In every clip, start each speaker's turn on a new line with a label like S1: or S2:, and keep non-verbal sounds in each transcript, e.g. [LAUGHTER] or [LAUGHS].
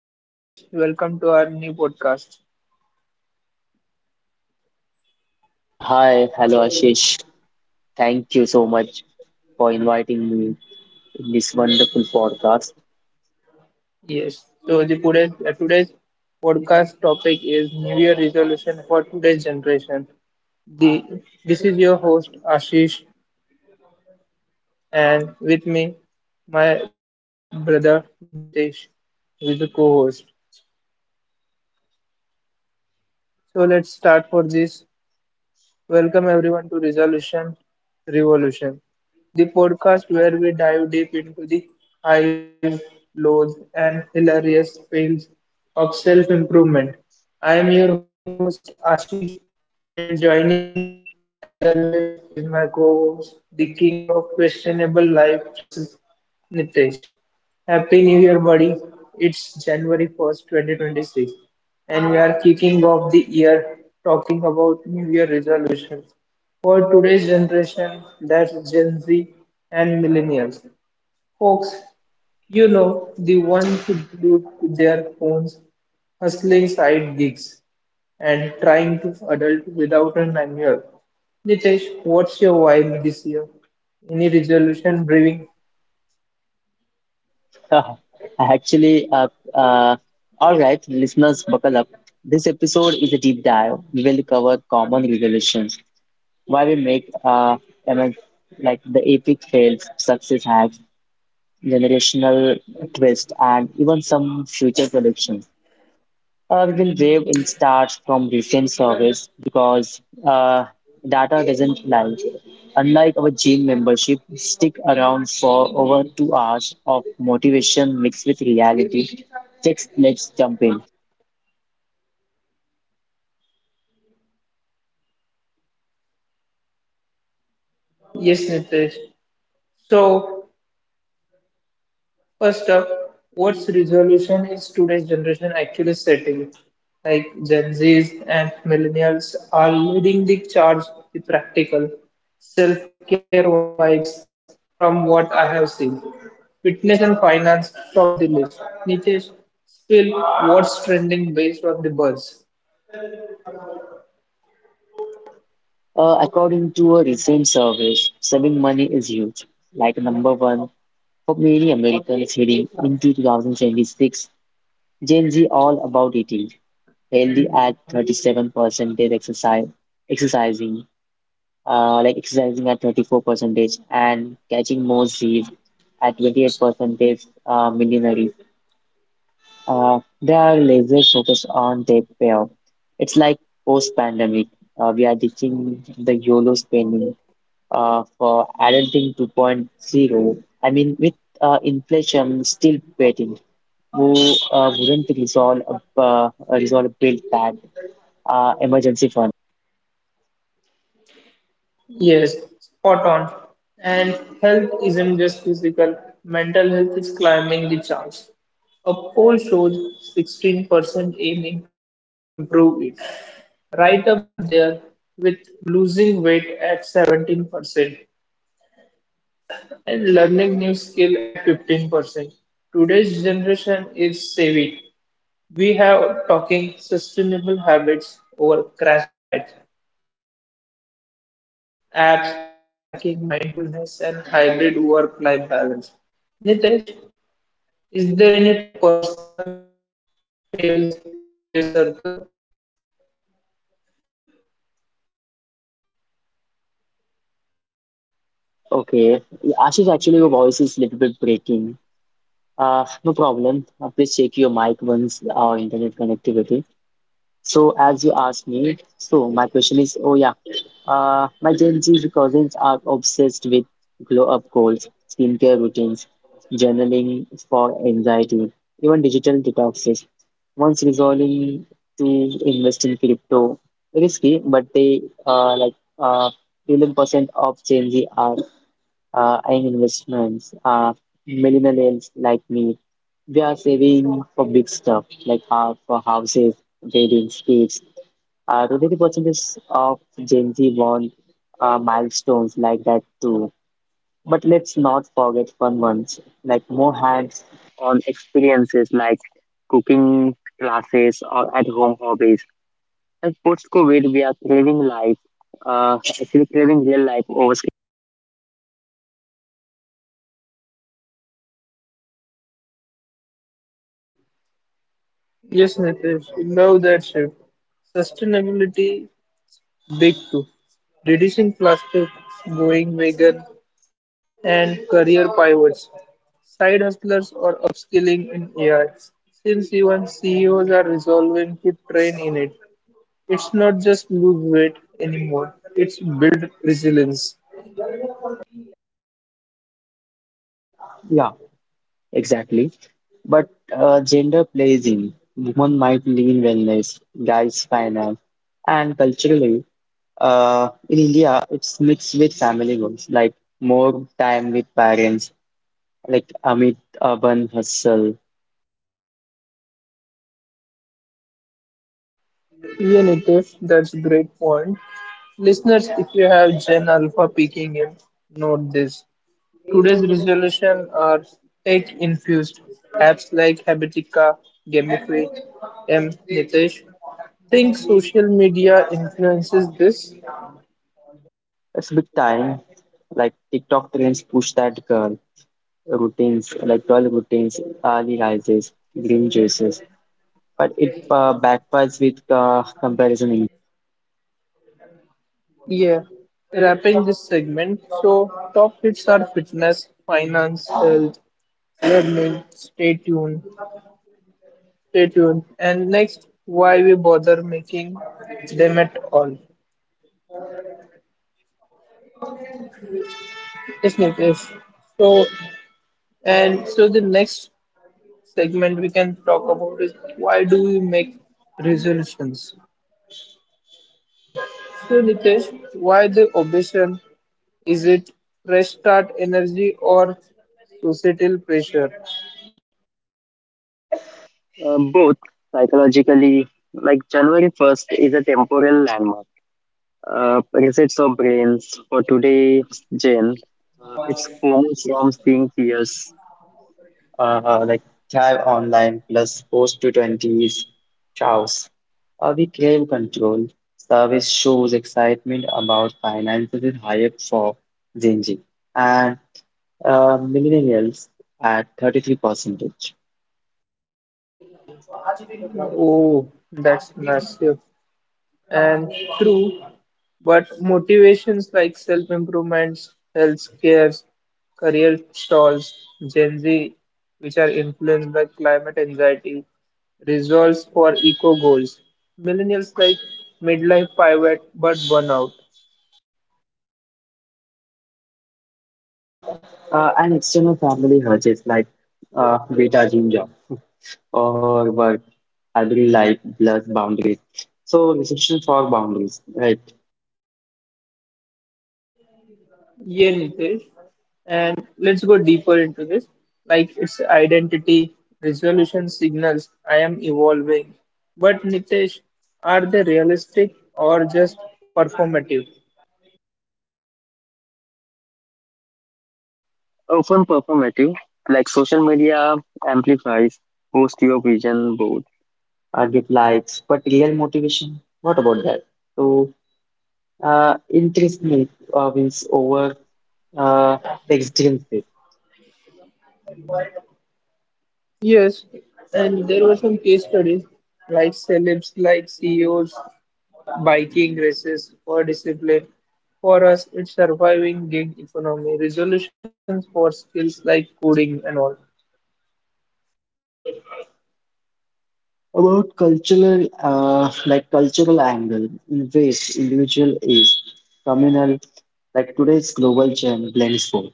S1: Hello Nitesh, welcome to our new podcast.
S2: Hi, hello Ashish. Thank you so much for inviting me in this wonderful podcast.
S1: Yes, so today's podcast topic is New Year resolution for today's generation. The this is your host Ashish, and with me, my brother Nitesh, who is the co-host. So let's start for this. Welcome everyone to Resolution Revolution, the podcast where we dive deep into the highs, lows, and hilarious fails of self-improvement. I am your host Ashish, and joining me, as always, is my co host, the king of questionable life choices, Nitesh. Happy New Year, buddy! It's January 1st, 2026, and we are kicking off the year talking about New Year resolutions for today's generation, that's Gen Z and millennials. Folks, the ones who glued to their phones, hustling side gigs, and trying to adult without an annual. Nitesh, what's your vibe this year? Any resolution brewing?
S2: [LAUGHS] Actually, uh, all right, listeners, buckle up. This episode is a deep dive. We will cover common resolutions, why we make I mean, like the epic fails, success hacks, generational twist, and even some future predictions. We will waive in starts from recent service because uh, data doesn't lie. Unlike our gym membership, stick around for over 2 hours of motivation mixed with reality. Just let's jump in.
S1: Yes, Nitesh. So first up, what's resolution is today's generation actually setting? Like Gen Zs and millennials are leading the charge with practical self-care vibes from what I have seen. Fitness and finance top the list. Nitesh, still what's trending based on the buzz?
S2: According to a recent survey, saving money is huge, like number one for many Americans heading into 2026. Gen Z all about eating healthy at 37% exercise, exercising like exercising at 34 percentage and catching more Z's at 28 percentage millionaires. They are laser focused on their payoff. It's like post-pandemic. We are ditching the YOLO spending for adulting 2.0. I mean, with inflation still waiting, who wouldn't resolve resolve a bill that emergency fund?
S1: Yes, spot on. And health isn't just physical, mental health is climbing the charts. A poll shows 16% aiming to improve it, right up there with losing weight at 17% and learning new skill at 15%. Today's generation is savvy. We have talking sustainable habits over crash diet. Things apps for tracking mindfulness and hybrid work-life balance. Nitesh, is there any personal fails from your circle?
S2: Okay. Yeah, Ashish, actually, your voice is a little bit breaking. No problem. Please check your mic once or internet connectivity. So, as you asked me, so my question is, oh yeah, my Gen Z cousins are obsessed with glow up goals, skincare routines, journaling for anxiety, even digital detoxes. Once resolving to invest in crypto, risky, but they like 11% of Gen Z are and investments. Millennials like me, we are saving for big stuff like for houses, weddings, kids. Twenty percent is of Gen Z want milestones like that too. But let's not forget fun ones, like more hands-on experiences like cooking classes or at-home hobbies. And post-COVID, we are actually craving real life over.
S1: Yes, Nitesh, love that shift. Sustainability, big too. Reducing plastic, going vegan, and career pivots. Side hustlers or upskilling in AI, since even CEOs are resolving to train in it. It's not just lose weight anymore, it's build resilience.
S2: Yeah. Exactly. But gender plays in. Women might lean wellness, guys finance, and culturally, in India, it's mixed with family goals, like more time with parents, like amid urban hustle.
S1: Yeah, Nitesh, that's a great point. Listeners, if you have Gen Alpha peeking in, note this. Today's resolution are tech infused. Apps like Habitica, Gamify, M. Nitesh. Think social media influences this?
S2: It's big time. Like TikTok trends push that girl routines, early rises, green juices. But it backfires with comparison.
S1: Yeah. Wrapping this segment, so top hits are fitness, finance, health, learning. Stay tuned. Stay tuned. And next, why we bother making them at all? Yes, Nitesh. So, and so the next segment we can talk about is why do we make resolutions? So, Nitesh, why the obsession? Is it fresh start energy or societal pressure?
S2: Both psychologically, like January 1st is a temporal landmark. Resets our brains for today's gen. It's formed from seeing peers like thrive online plus post to 20s chaos. We crave control. Service shows excitement about finances is higher for Gen Z and millennials at 33%.
S1: Oh, that's massive and true. But motivations like self improvements, health scares, career stalls, Gen Z, which are influenced by climate anxiety, resolves for eco goals. Millennials like midlife pivot but burnout.
S2: An external family hurdles like beta gene job or work, hybrid life, blurs boundaries. So restrictions for boundaries, right?
S1: Yeah, Nitesh. And let's go deeper into this. Like its identity, resolution signals I am evolving. But Nitesh, are they realistic or just performative?
S2: Often performative, like social media amplifies post your vision board. Get likes, but real motivation, what about that? So, interest me wins over uh, existence.
S1: Yes, and there were some case studies like celebs, like CEOs, biking races for discipline. For us, it's surviving gig economy, resolutions for skills like coding and all.
S2: About cultural angle, in ways individual is communal, like today's global trend blends both.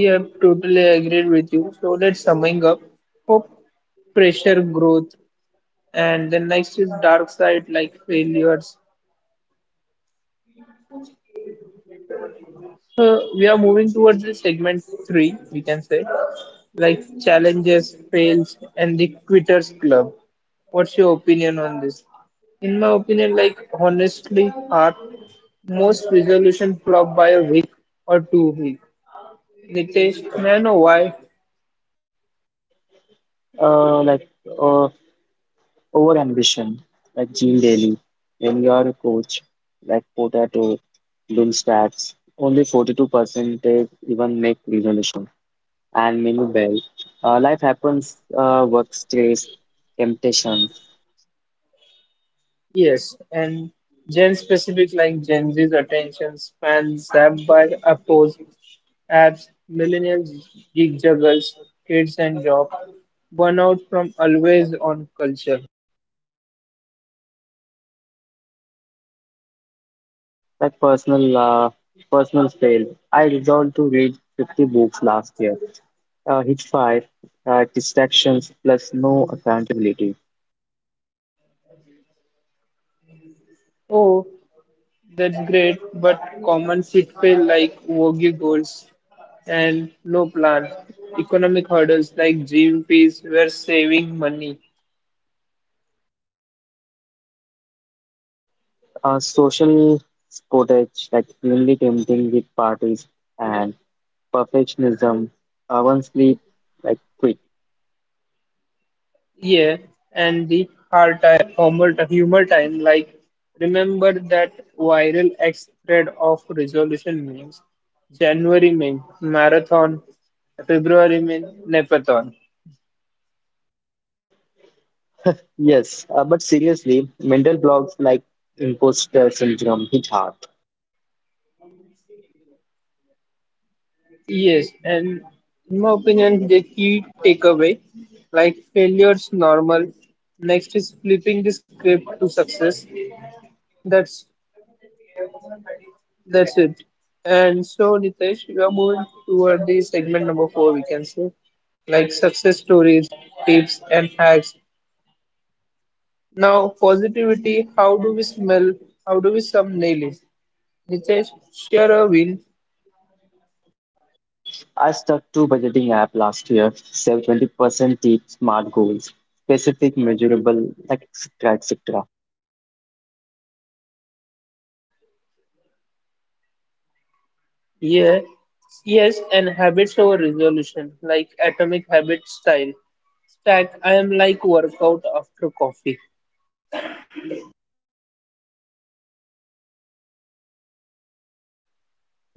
S1: Yep, totally agreed with you. So let's summing up. Hope, pressure, growth, and the next is dark side like failures, so we are moving towards the segment three, we can say, like challenges, fails, and the quitters club. What's your opinion on this? In my opinion, like honestly, art most resolution flop by a week or 2 week. Nitesh, may I know why?
S2: Like uh, over ambition, like Gene Daly, when you are a coach, like Potato, Bloom stats, only 42% even make resolution, and many bell. Life happens, work stress, temptation.
S1: Yes, and gen specific like Gen Z's attention span zapped by appos, apps, millennials, gig juggles, kids and job, burnout from always on culture.
S2: Like personal fail. I resolved to read 50 books last year. Hit five distractions plus no accountability.
S1: Oh, that's great, but common pitfall like worky goals and no plan, economic hurdles like GMPs were saving money.
S2: Social footage like really tempting with parties and perfectionism. One sleep like quick.
S1: Yeah, and the hard time, humor, humor time, like remember that viral X thread of resolution memes, January meme, marathon, February meme, Nepathon.
S2: Yes, but seriously, mental blocks like imposter syndrome hit hard.
S1: Yes, and in my opinion, the key takeaway, like failure's normal. Next is flipping the script to success. That's That's it. And so, Nitesh, we are moving toward the segment number four, we can say, like success stories, tips, and hacks. Now, positivity, how do we smell? How do we some nail it? Nitesh, share a win.
S2: I stuck to budgeting app last year. Save 20% tip, smart goals, specific, measurable, like etc. etc.
S1: Yeah. Yes, and habits over resolution, like atomic habit style. Stack, I am like workout after coffee.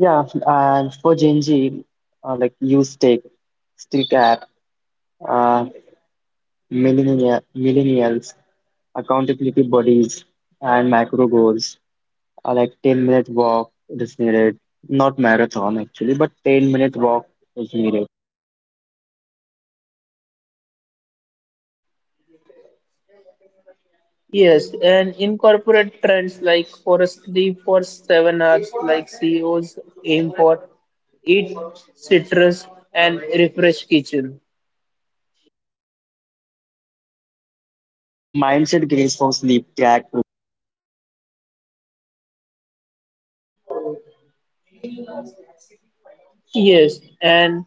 S2: Yeah, and for Gen Z, like use Take, Stick app, uh, millennials, accountability buddies, and macro goals. Like 10-minute walk is needed, not marathon actually, but 10-minute walk is needed.
S1: Yes, and incorporate trends like for us three for 7 hours, like CEOs aim for eat citrus and refresh kitchen.
S2: Mindset gains for sleep track.
S1: Yes, and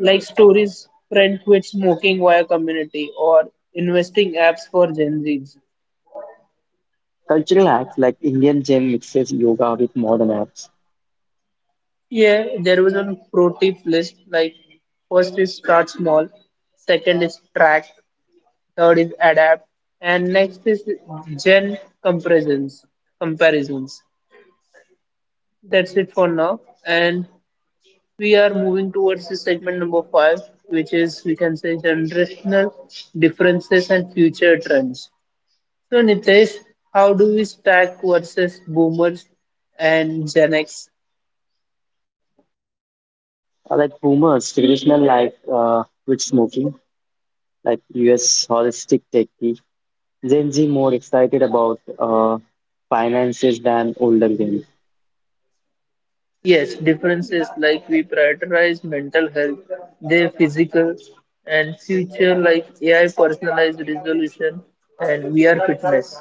S1: like stories friend quit smoking via community or investing apps for Gen Zs.
S2: Cultural apps like Indian gym mixes yoga with modern apps.
S1: Yeah, there was a pro tip list like first is start small, second is track, third is adapt, and next is gen comparisons. That's it for now. And we are moving towards the segment number five, which is we can say generational differences and future trends. So Nitesh, how do we stack versus boomers and Gen X?
S2: Like boomers, traditional life with smoking, like US holistic techie. Gen Z more excited about finances than older Gen. Z.
S1: Yes, differences like we prioritize mental health, their physical and future like AI personalized resolution and VR fitness.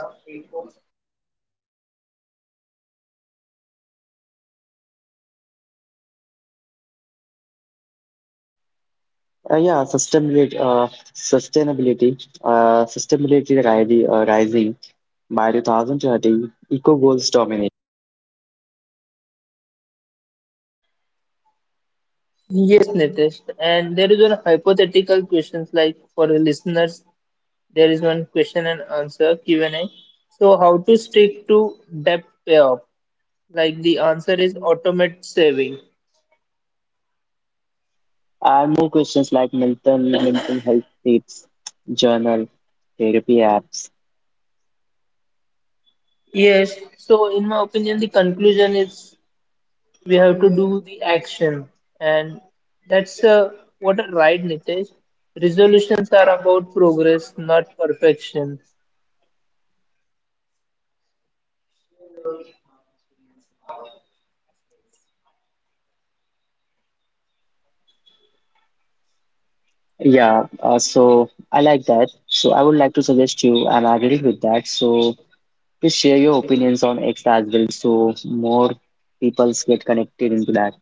S2: Yeah, sustainability rising by 2030, eco goals dominate.
S1: Yes, Nitesh. And there is a hypothetical questions like for the listeners there is one question and answer Q&A. So how to stick to debt payoff? Like the answer is automate saving.
S2: And more questions like mental health tips, journal, therapy apps.
S1: Yes. So in my opinion, the conclusion is we have to do the action, and that's what a right Nitesh. Resolutions are about progress, not perfection.
S2: Yeah, so I like that. So I would like to suggest you, and I agree with that. So please share your opinions on X as well so more people get connected into that.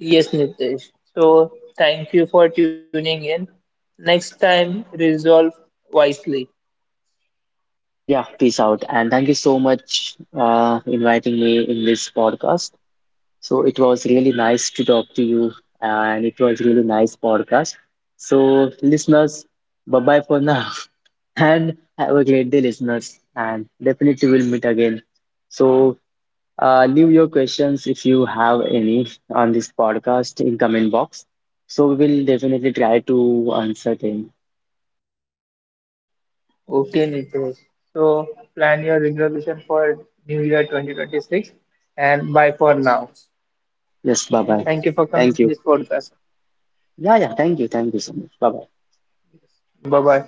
S1: Yes, Nitesh. So thank you for tuning in. Next time, resolve wisely.
S2: Yeah, peace out. And thank you so much inviting me in this podcast. So it was really nice to talk to you and it was really nice podcast. So listeners, bye bye for now. [LAUGHS] And have a great day, listeners. And definitely we'll meet again. So leave your questions if you have any on this podcast in comment box. So we will definitely try to answer them.
S1: Okay, Nitesh. So plan your resolution for New Year 2026 and bye for now.
S2: Yes, bye bye.
S1: Thank you for
S2: Thank
S1: coming in
S2: you.
S1: this podcast.
S2: Yeah, yeah. Thank you. Thank you so much. Bye bye.
S1: Bye bye.